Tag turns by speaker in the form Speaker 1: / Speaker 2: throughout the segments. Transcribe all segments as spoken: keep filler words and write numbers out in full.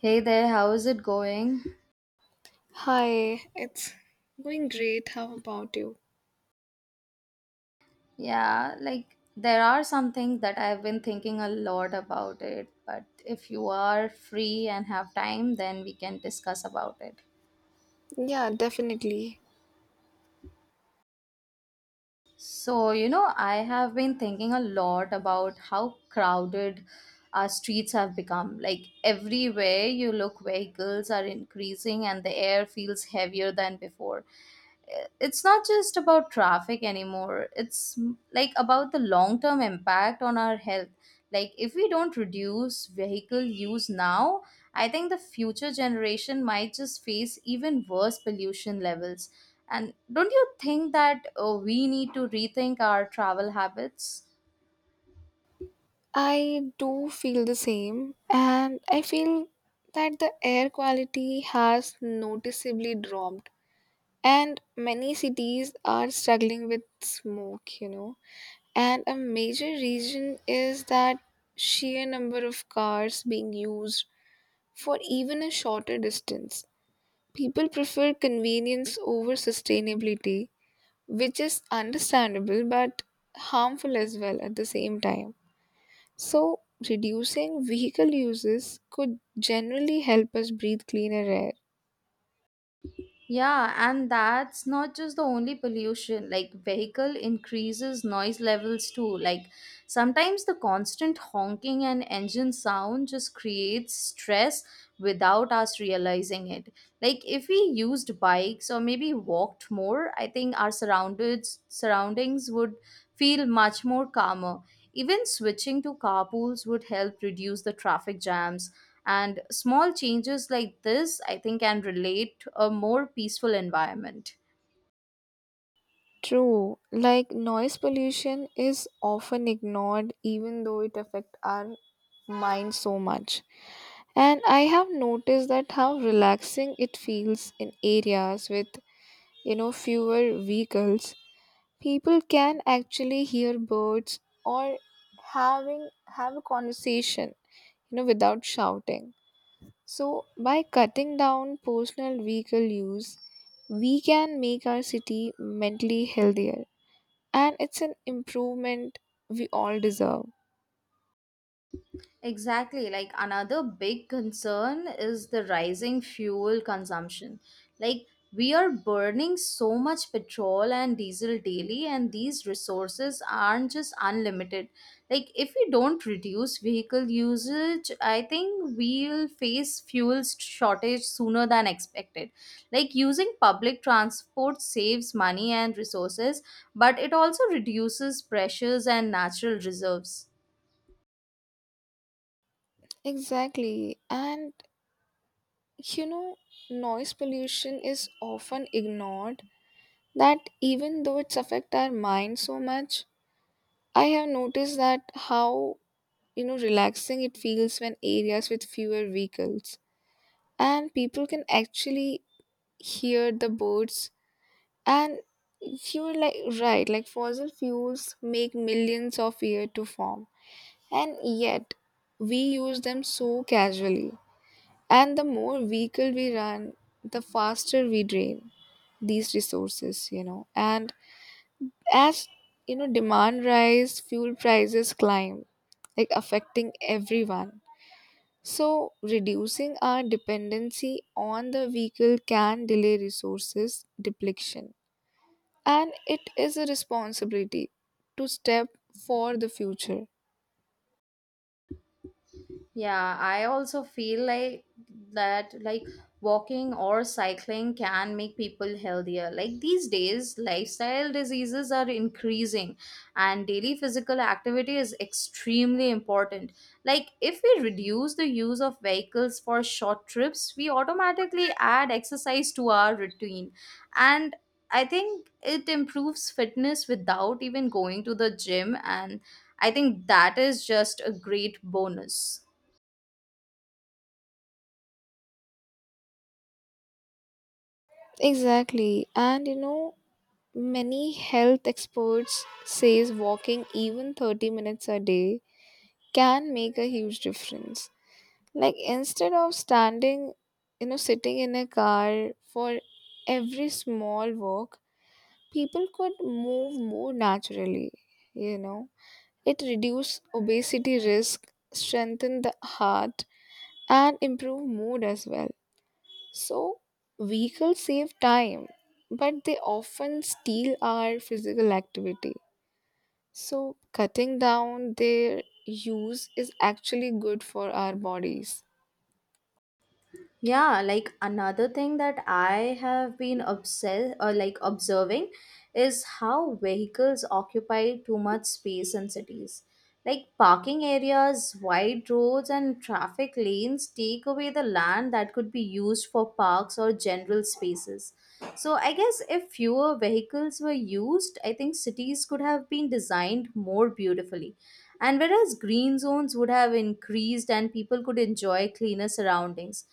Speaker 1: Hey there, how's it going?
Speaker 2: Hi, it's going great. How about you?
Speaker 1: Yeah, like there are some things that I've been thinking a lot about it, but if you are free and have time, then we can discuss about it.
Speaker 2: Yeah, definitely.
Speaker 1: So, you know, I have been thinking a lot about how crowded our streets have become. Like everywhere you look, vehicles are increasing and the air feels heavier than before. It's not just about traffic anymore, it's mm, like about the long term impact on our health. Like if we don't reduce vehicle use now, I think the future generation might just face even worse pollution levels. And don't you think that uh, we need to rethink our travel habits?
Speaker 2: I do feel the same, and I feel that the air quality has noticeably dropped, and many cities are struggling with smoke, you know. And a major reason is that sheer number of cars being used for even a shorter distance. People prefer convenience over sustainability, which is understandable but harmful as well at the same time. So, reducing vehicle uses could generally help us breathe cleaner air.
Speaker 1: Yeah, and that's not just the only pollution. Like vehicle increases noise levels too. Like sometimes the constant honking and engine sound just creates stress without us realizing it. Like if we used bikes or maybe walked more, I think our surroundings surroundings would feel much more calmer. Even switching to carpools would help reduce the traffic jams, and small changes like this I think can relate to a more peaceful environment.
Speaker 2: True, like noise pollution is often ignored even though it affects our mind so much. And I have noticed that how relaxing it feels in areas with you know fewer vehicles. People can actually hear birds or having have a conversation you know without shouting. So by cutting down personal vehicle use, we can make our city mentally healthier, and it's an improvement we all deserve.
Speaker 1: Exactly. Like another big concern is the rising fuel consumption. Like we are burning so much petrol and diesel daily, and these resources aren't just unlimited. Like if we don't reduce vehicle usage, I think we'll face fuel shortage sooner than expected. Like using public transport saves money and resources, but it also reduces pressures and natural reserves.
Speaker 2: Exactly. And you know noise pollution is often ignored, that even though it's affect our mind so much. I have noticed that how you know relaxing it feels when areas with fewer vehicles, and people can actually hear the birds. And you're like, right, like fossil fuels make millions of years to form, and yet we use them so casually. And the more vehicle we run, the faster we drain these resources you know and as you know, demand rise, fuel prices climb, like affecting everyone. So, reducing our dependency on the vehicle can delay resources depletion, and it is a responsibility to step for the future.
Speaker 1: Yeah, I also feel like that like walking or cycling can make people healthier. Like these days, lifestyle diseases are increasing and daily physical activity is extremely important. Like if we reduce the use of vehicles for short trips, we automatically add exercise to our routine. And I think it improves fitness without even going to the gym, and I think that is just a great bonus.
Speaker 2: Exactly, and you know, many health experts says walking even thirty minutes a day can make a huge difference. Like instead of standing, you know, sitting in a car for every small walk, people could move more naturally you know it reduced obesity risk, strengthened the heart, and improved mood as well. So vehicles save time, but they often steal our physical activity. So cutting down their use is actually good for our bodies.
Speaker 1: Yeah, like another thing that I have been obsessed or like observing is how vehicles occupy too much space in cities. Like parking areas, wide roads, and traffic lanes take away the land that could be used for parks or general spaces. So, I guess if fewer vehicles were used, I think cities could have been designed more beautifully. And whereas green zones would have increased and people could enjoy cleaner surroundings,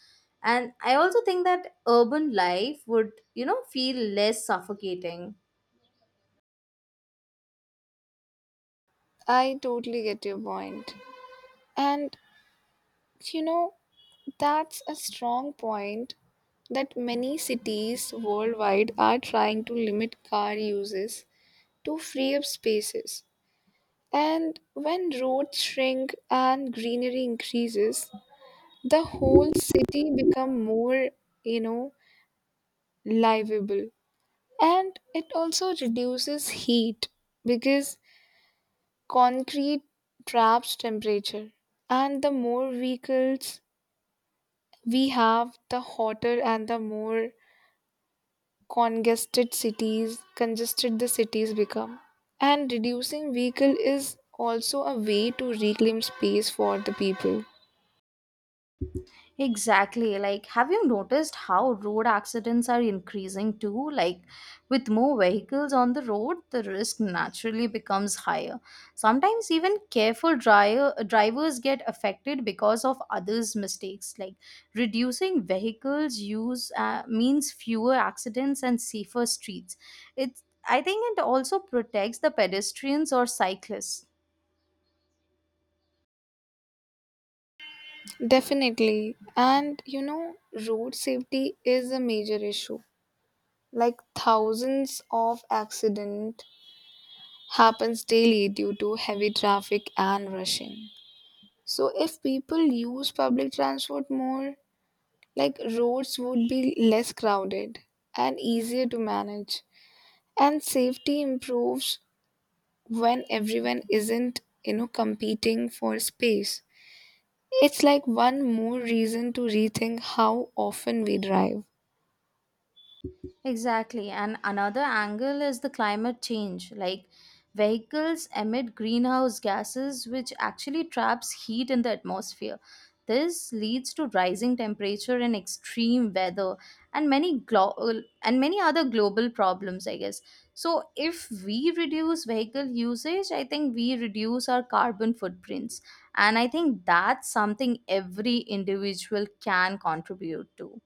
Speaker 1: and I also think that urban life would, you know, feel less suffocating.
Speaker 2: I totally get your point. And you know that's a strong point that many cities worldwide are trying to limit car uses to free up spaces. And when roads shrink and greenery increases, the whole city become more, you know, livable. And it also reduces heat because concrete traps temperature. And the more vehicles we have, the hotter and the more congested cities congested the cities become. And reducing vehicle is also a way to reclaim space for the people.
Speaker 1: Exactly. Like, have you noticed how road accidents are increasing too? Like, with more vehicles on the road, the risk naturally becomes higher. Sometimes even careful driver, drivers get affected because of others' mistakes. Like, reducing vehicles use uh, means fewer accidents and safer streets. It's, I think it also protects the pedestrians or cyclists.
Speaker 2: Definitely. And you know road safety is a major issue, like thousands of accident happens daily due to heavy traffic and rushing. So if people use public transport more, like roads would be less crowded and easier to manage. And safety improves when everyone isn't you know competing for space. It's like one more reason to rethink how often we drive.
Speaker 1: Exactly. And another angle is the climate change. Like vehicles emit greenhouse gases, which actually traps heat in the atmosphere. This leads to rising temperature and extreme weather and many glo- and many other global problems, I guess. So if we reduce vehicle usage, I think we reduce our carbon footprints. And I think that's something every individual can contribute to.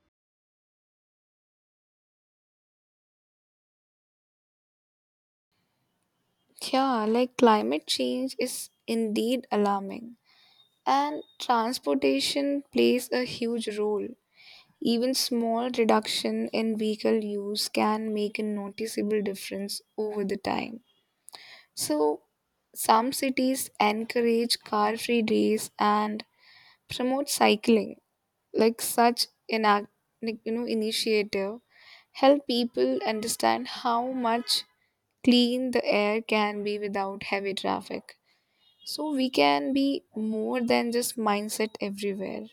Speaker 2: Yeah, like climate change is indeed alarming, and transportation plays a huge role. Even small reduction in vehicle use can make a noticeable difference over the time. So some cities encourage car free days and promote cycling. Like such an act, like, you know initiative, help people understand how much clean the air can be without heavy traffic. So we can be more than just mindset everywhere.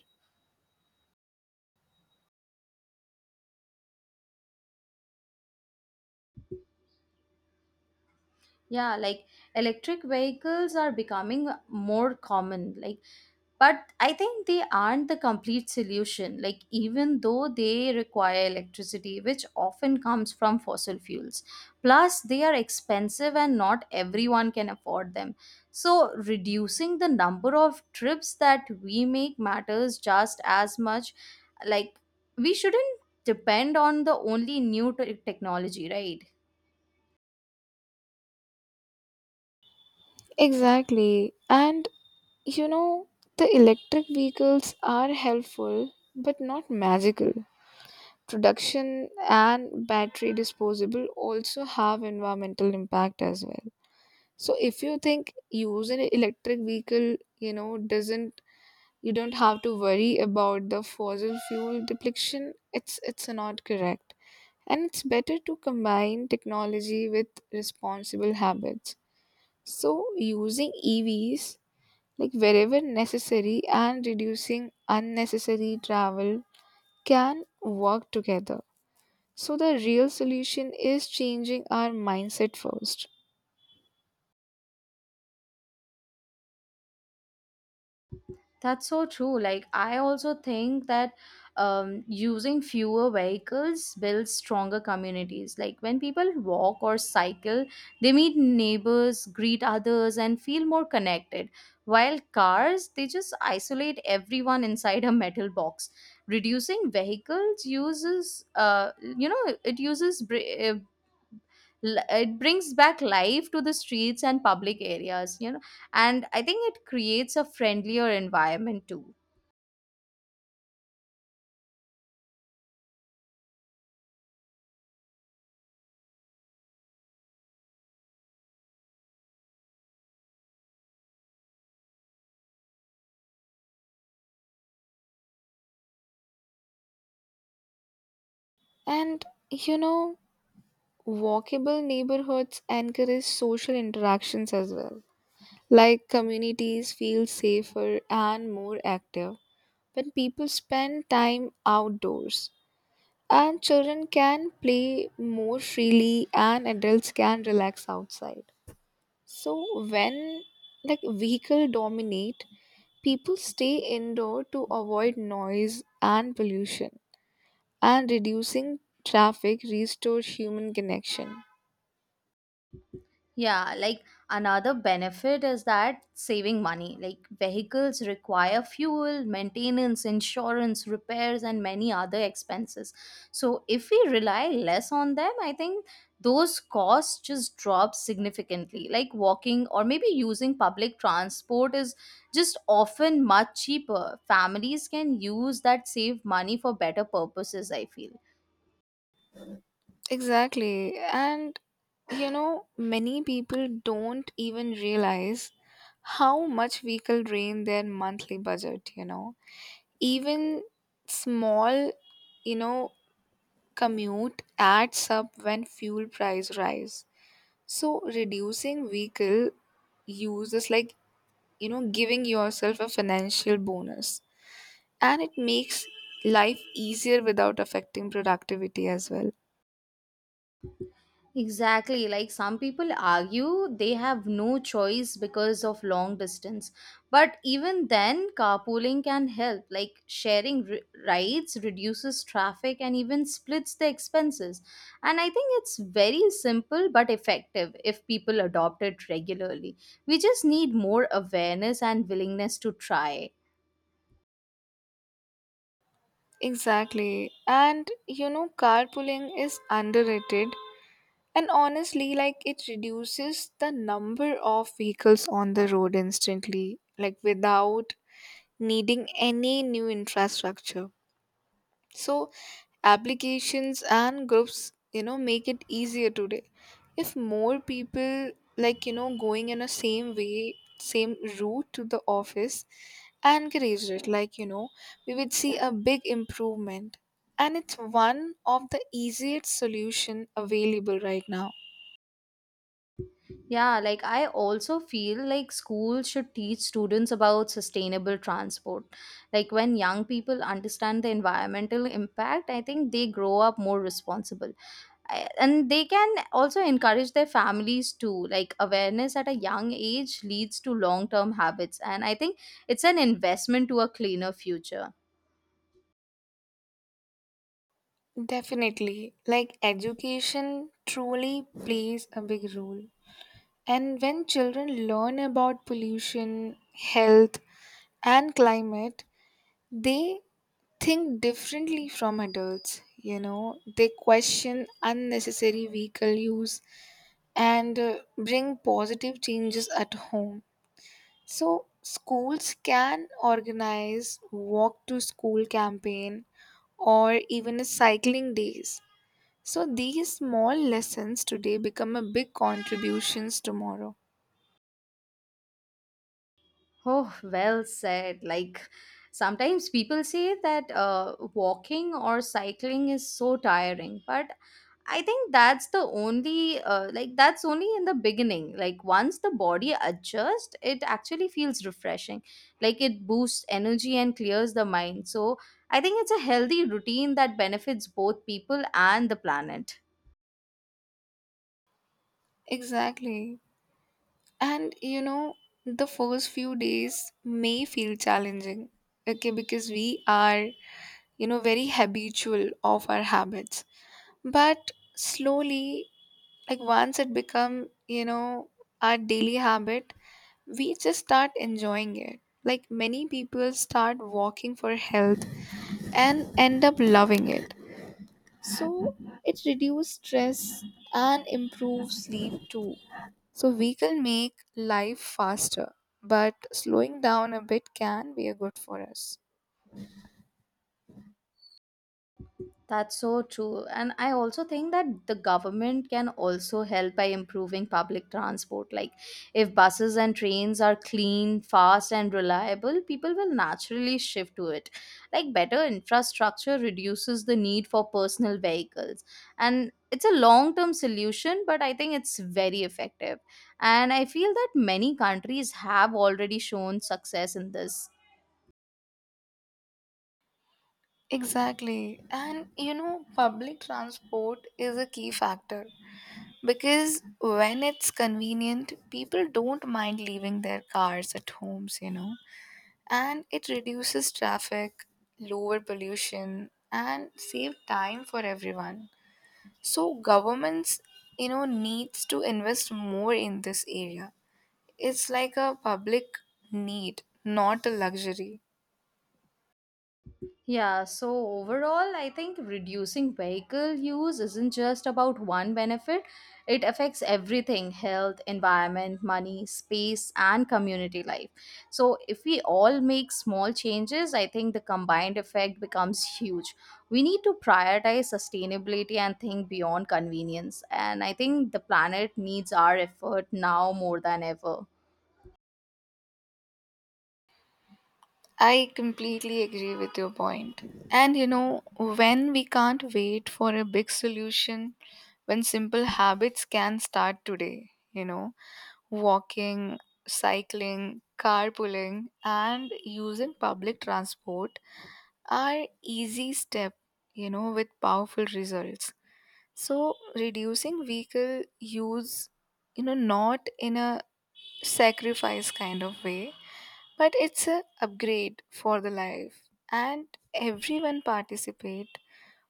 Speaker 1: Yeah, like electric vehicles are becoming more common. Like, but I think they aren't the complete solution. Like, even though they require electricity, which often comes from fossil fuels, plus they are expensive and not everyone can afford them. So, reducing the number of trips that we make matters just as much. Like, we shouldn't depend on the only new te- technology, right?
Speaker 2: Exactly, and you know the electric vehicles are helpful but not magical. Production and battery disposable also have environmental impact as well. So if you think use an electric vehicle, you know, doesn't you don't have to worry about the fossil fuel depletion, it's it's not correct. And it's better to combine technology with responsible habits. So using E Vs, like wherever necessary, and reducing unnecessary travel can work together. So the real solution is changing our mindset first.
Speaker 1: That's so true. Like, I also think that um, using fewer vehicles builds stronger communities. Like, when people walk or cycle, they meet neighbors, greet others, and feel more connected. While cars, they just isolate everyone inside a metal box. Reducing vehicles uses, uh, you know, it uses. Br- uh, l- it brings back life to the streets and public areas, you know, and I think it creates a friendlier environment too.
Speaker 2: And you know walkable neighborhoods encourage social interactions as well. Like communities feel safer and more active when people spend time outdoors. And children can play more freely and adults can relax outside. So when, like, vehicle dominate, people stay indoor to avoid noise and pollution, and reducing traffic restore human connection.
Speaker 1: Yeah, like another benefit is that saving money. Like vehicles require fuel, maintenance, insurance, repairs, and many other expenses. So if we rely less on them, I think those costs just drop significantly. Like walking or maybe using public transport is just often much cheaper. Families can use that saved money for better purposes, I feel.
Speaker 2: Exactly. And you know, many people don't even realize how much vehicle drain their monthly budget, you know. Even small, you know, commute adds up when fuel price rise. So reducing vehicle use is like, you know, giving yourself a financial bonus. And it makes life easier without affecting productivity as well.
Speaker 1: Exactly. Like some people argue they have no choice because of long distance. But even then, carpooling can help. Like sharing r- rides reduces traffic and even splits the expenses. And I think it's very simple but effective if people adopt it regularly. We just need more awareness and willingness to try.
Speaker 2: Exactly. And you know, carpooling is underrated. And honestly, like it reduces the number of vehicles on the road instantly, like without needing any new infrastructure. So applications and groups you know make it easier today. If more people, like you know going in a same way same route to the office, encouraged it, like you know we would see a big improvement. And it's one of the easiest solution available right now.
Speaker 1: Yeah, like I also feel like schools should teach students about sustainable transport. Like when young people understand the environmental impact, I think they grow up more responsible. I- And they can also encourage their families too. Like awareness at a young age leads to long term habits. And I think it's an investment to a cleaner future.
Speaker 2: Definitely. Like education truly plays a big role. And when children learn about pollution, health, and climate, they think differently from adults. you know, they question unnecessary vehicle use and uh, bring positive changes at home. So, schools can organize walk to school campaign or even a cycling days. So these small lessons today become a big contributions tomorrow.
Speaker 1: Oh, well said. Like sometimes people say that uh, walking or cycling is so tiring, but I think that's the only uh, like that's only in the beginning. Like once the body adjusts, it actually feels refreshing. Like it boosts energy and clears the mind. So I think it's a healthy routine that benefits both people and the planet.
Speaker 2: Exactly. And you know, the first few days may feel challenging, okay, because we are, you know, very habitual of our habits. But slowly, like once it become, you know, our daily habit, we just start enjoying it. Like many people start walking for health and end up loving it. So it reduces stress and improves sleep too. So we can make life faster, but slowing down a bit can be a good for us.
Speaker 1: That's so true. And I also think that the government can also help by improving public transport. Like, if buses and trains are clean, fast, and reliable, people will naturally shift to it. Like, better infrastructure reduces the need for personal vehicles. And it's a long term solution, but I think it's very effective. And I feel that many countries have already shown success in this.
Speaker 2: Exactly. And you know, public transport is a key factor because when it's convenient, people don't mind leaving their cars at homes, you know, and it reduces traffic, lower pollution, and save time for everyone. So governments, you know, needs to invest more in this area. It's like a public need, not a luxury.
Speaker 1: Yeah, so overall, I think reducing vehicle use isn't just about one benefit. It affects everything: health, environment, money, space, and community life. So, if we all make small changes, I think the combined effect becomes huge. We need to prioritize sustainability and think beyond convenience. And I think the planet needs our effort now more than ever.
Speaker 2: I completely agree with your point. And you know, when we can't wait for a big solution, when simple habits can start today, you know, walking, cycling, carpooling, and using public transport are easy steps, you know, with powerful results. So reducing vehicle use, you know, not in a sacrifice kind of way, but it's a upgrade for the life. And everyone participate,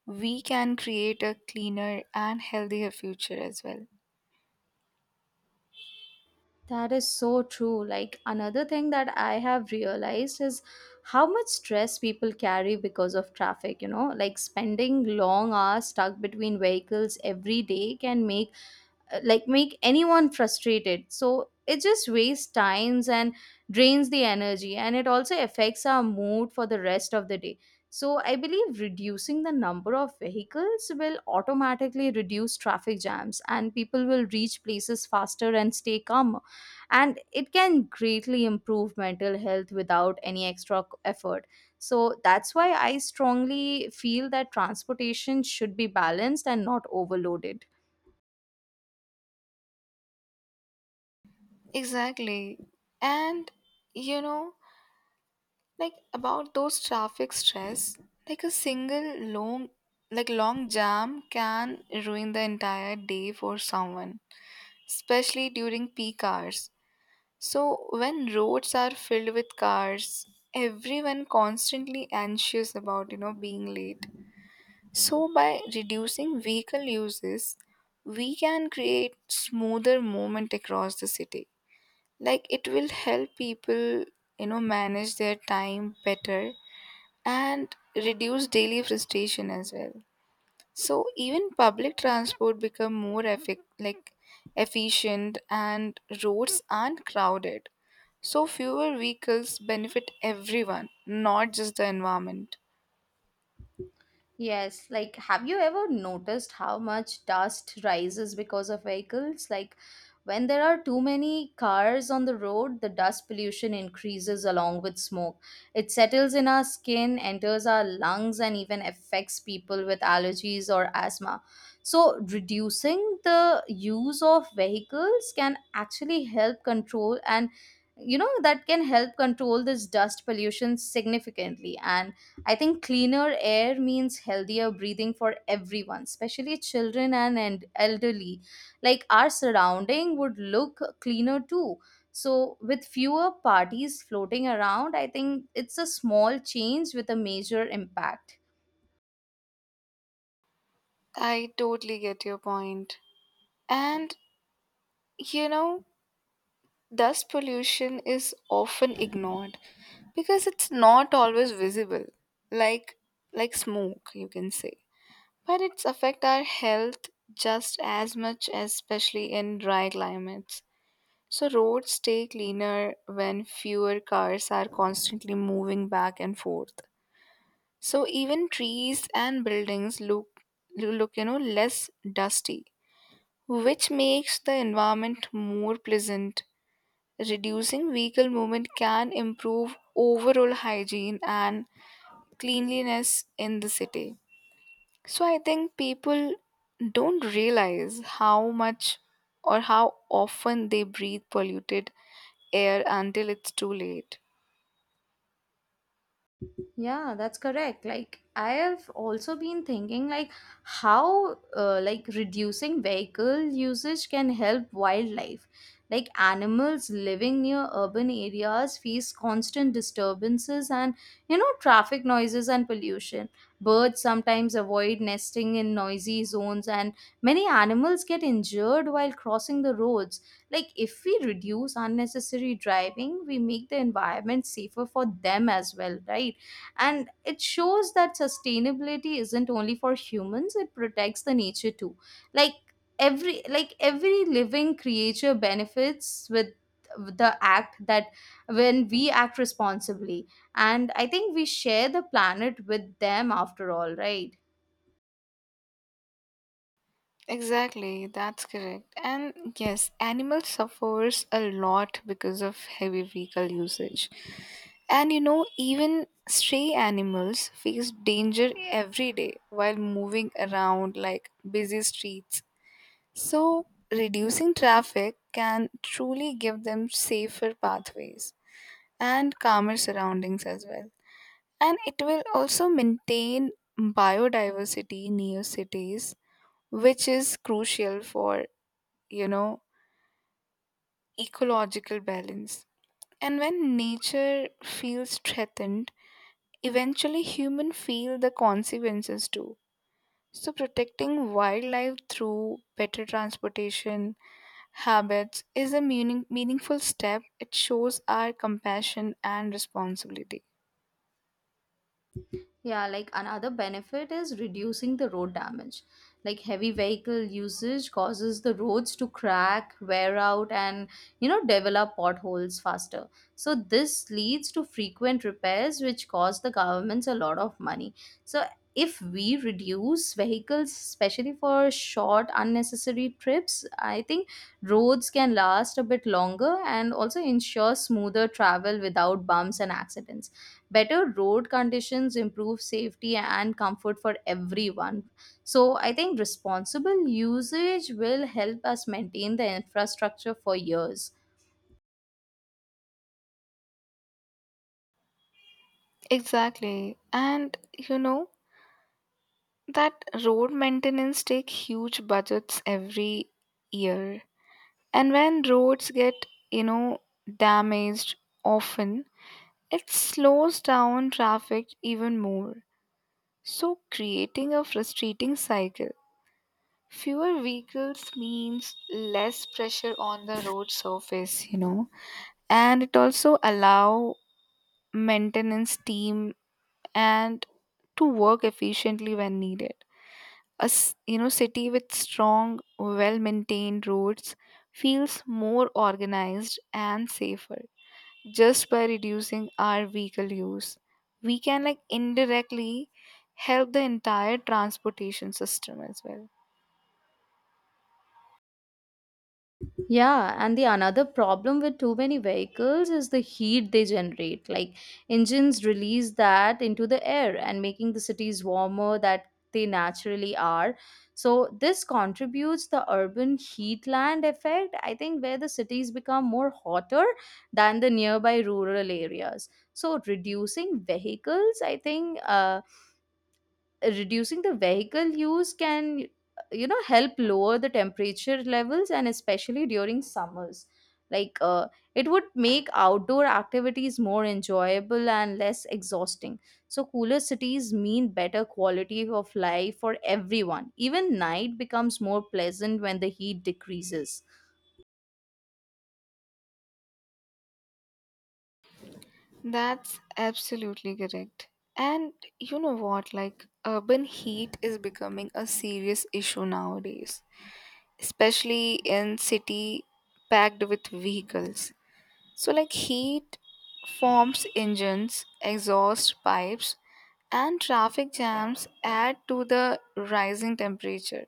Speaker 2: we can create a cleaner and healthier future as well.
Speaker 1: That is so true. Like another thing that I have realized is how much stress people carry because of traffic, you know, like spending long hours stuck between vehicles every day can make uh, like make anyone frustrated. So it just wastes times and drains the energy, and it also affects our mood for the rest of the day. So I believe reducing the number of vehicles will automatically reduce traffic jams, and people will reach places faster and stay calmer, and it can greatly improve mental health without any extra c- effort. So that's why I strongly feel that transportation should be balanced and not overloaded.
Speaker 2: Exactly. And you know, like about those traffic stress, like a single long like long jam can ruin the entire day for someone, especially during peak hours. So, when roads are filled with cars, everyone constantly anxious about, you know, being late. So, by reducing vehicle uses, we can create smoother movement across the city. Like it will help people, you know, manage their time better and reduce daily frustration as well. So, even public transport become more effic- like efficient, and roads aren't crowded. So fewer vehicles benefit everyone, not just the environment.
Speaker 1: Yes, like have you ever noticed how much dust rises because of vehicles? Like when there are too many cars on the road, the dust pollution increases along with smoke. It settles in our skin, enters our lungs, and even affects people with allergies or asthma. So, reducing the use of vehicles can actually help control, and you know that can help control this dust pollution significantly. And I think cleaner air means healthier breathing for everyone, especially children and, and elderly. Like our surrounding would look cleaner too. So, with fewer parties floating around, I think it's a small change with a major impact.
Speaker 2: I totally get your point. And you know, dust pollution is often ignored because it's not always visible, like like smoke, you can say. But it's affect our health just as much, especially in dry climates. So roads stay cleaner when fewer cars are constantly moving back and forth. So even trees and buildings look look you know less dusty, which makes the environment more pleasant. Reducing vehicle movement can improve overall hygiene and cleanliness in the city. So I think people don't realize how much or how often they breathe polluted air until it's too late.
Speaker 1: Yeah, that's correct. Like I have also been thinking like how uh, like reducing vehicle usage can help wildlife. Like animals living near urban areas face constant disturbances and, you know, traffic noises and pollution. Birds sometimes avoid nesting in noisy zones, and many animals get injured while crossing the roads. Like if we reduce unnecessary driving, we make the environment safer for them as well, right? And it shows that sustainability isn't only for humans, it protects the nature too. Like every like every living creature benefits with the act that when we act responsibly. And I think we share the planet with them after all, right?
Speaker 2: Exactly, that's correct. And yes, animals suffers a lot because of heavy vehicle usage. And you know, even stray animals face danger every day while moving around like busy streets. So, reducing traffic can truly give them safer pathways and calmer surroundings as well. And it will also maintain biodiversity near cities, which is crucial for you know, ecological balance. And when nature feels threatened, eventually humans feel the consequences too. So protecting wildlife through better transportation habits is a meaning, meaningful step. It shows our compassion and responsibility.
Speaker 1: Yeah, like another benefit is reducing the road damage. Like heavy vehicle usage causes the roads to crack, wear out, and, you know, develop potholes faster. So, this leads to frequent repairs, which cost the governments a lot of money. So, if we reduce vehicles, especially for short, unnecessary trips, I think roads can last a bit longer and also ensure smoother travel without bumps and accidents. Better road conditions improve safety and comfort for everyone. So I think responsible usage will help us maintain the infrastructure for years.
Speaker 2: Exactly. And you know that road maintenance take huge budgets every year. And when roads get, you know, damaged often, it slows down traffic even more. So, creating a frustrating cycle. Fewer vehicles means less pressure on the road surface, you know, and it also allow maintenance team and to work efficiently when needed. A s- you know city with strong, well maintained roads feels more organized and safer. Just by reducing our vehicle use, we can like indirectly help the entire transportation system as well.
Speaker 1: Yeah, and the another problem with too many vehicles is the heat they generate. Like engines release that into the air and making the cities warmer that they naturally are. So this contributes the urban heatland effect, I think, where the cities become more hotter than the nearby rural areas. So reducing vehicles, I think, uh, reducing the vehicle use can, you know, help lower the temperature levels, and especially during summers, like, uh, it would make outdoor activities more enjoyable and less exhausting. So cooler cities mean better quality of life for everyone. Even night becomes more pleasant when the heat decreases.
Speaker 2: That's absolutely correct. And you know what, like urban heat is becoming a serious issue nowadays, especially in city packed with vehicles. So like heat forms engines exhaust pipes, and traffic jams add to the rising temperature.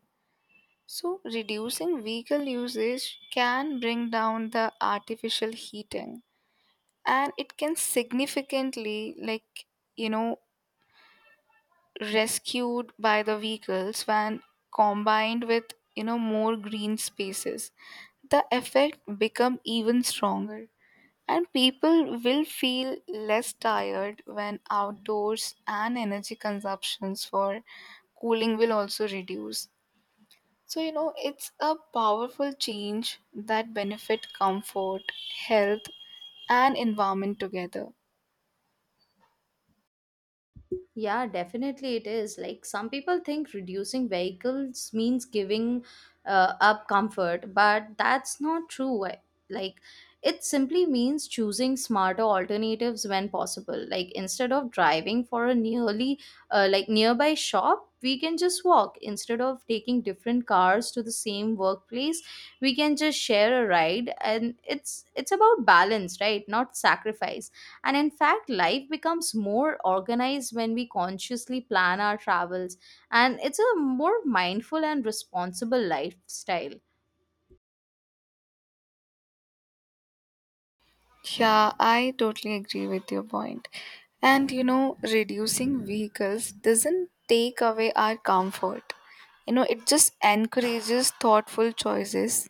Speaker 2: So, reducing vehicle usage can bring down the artificial heating, and it can significantly, like, you know, rescued by the vehicles when combined with, you know, more green spaces. The effect become even stronger, and people will feel less tired when outdoors, and energy consumptions for cooling will also reduce. So, you know, it's a powerful change that benefit comfort, health, and environment together.
Speaker 1: Yeah, definitely it is. Like some people think reducing vehicles means giving uh, up comfort, but that's not true. I- Like it simply means choosing smarter alternatives when possible. Like instead of driving for a nearly uh, like nearby shop, we can just walk. Instead of taking different cars to the same workplace, we can just share a ride. And it's it's about balance, right? Not sacrifice. And in fact, life becomes more organized when we consciously plan our travels, and it's a more mindful and responsible lifestyle.
Speaker 2: Yeah, I totally agree with your point. And you know, reducing vehicles doesn't take away our comfort. You know, it just encourages thoughtful choices.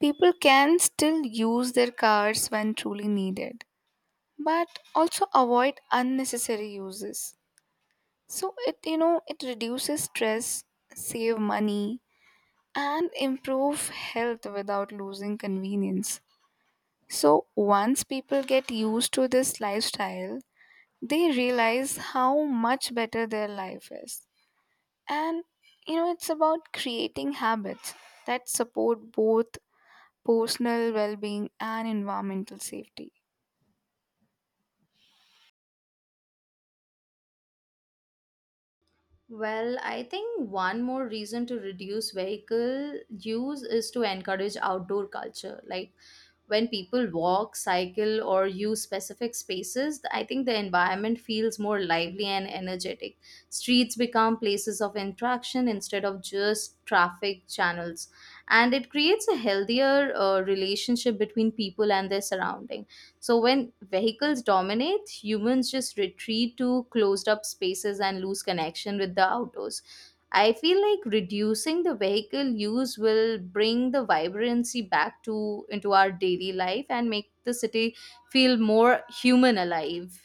Speaker 2: People can still use their cars when truly needed, but also avoid unnecessary uses. So it you know it reduces stress, save money and improve health without losing convenience. So once people get used to this lifestyle, they realize how much better their life is. And you know it's about creating habits that support both personal well-being and environmental safety.
Speaker 1: Well, I think one more reason to reduce vehicle use is to encourage outdoor culture. Like when people walk, cycle, or use specific spaces, I think the environment feels more lively and energetic. Streets become places of interaction instead of just traffic channels. And it creates a healthier uh, relationship between people and their surrounding. So when vehicles dominate, humans just retreat to closed up spaces and lose connection with the outdoors. I feel like reducing the vehicle use will bring the vibrancy back to into our daily life and make the city feel more human alive.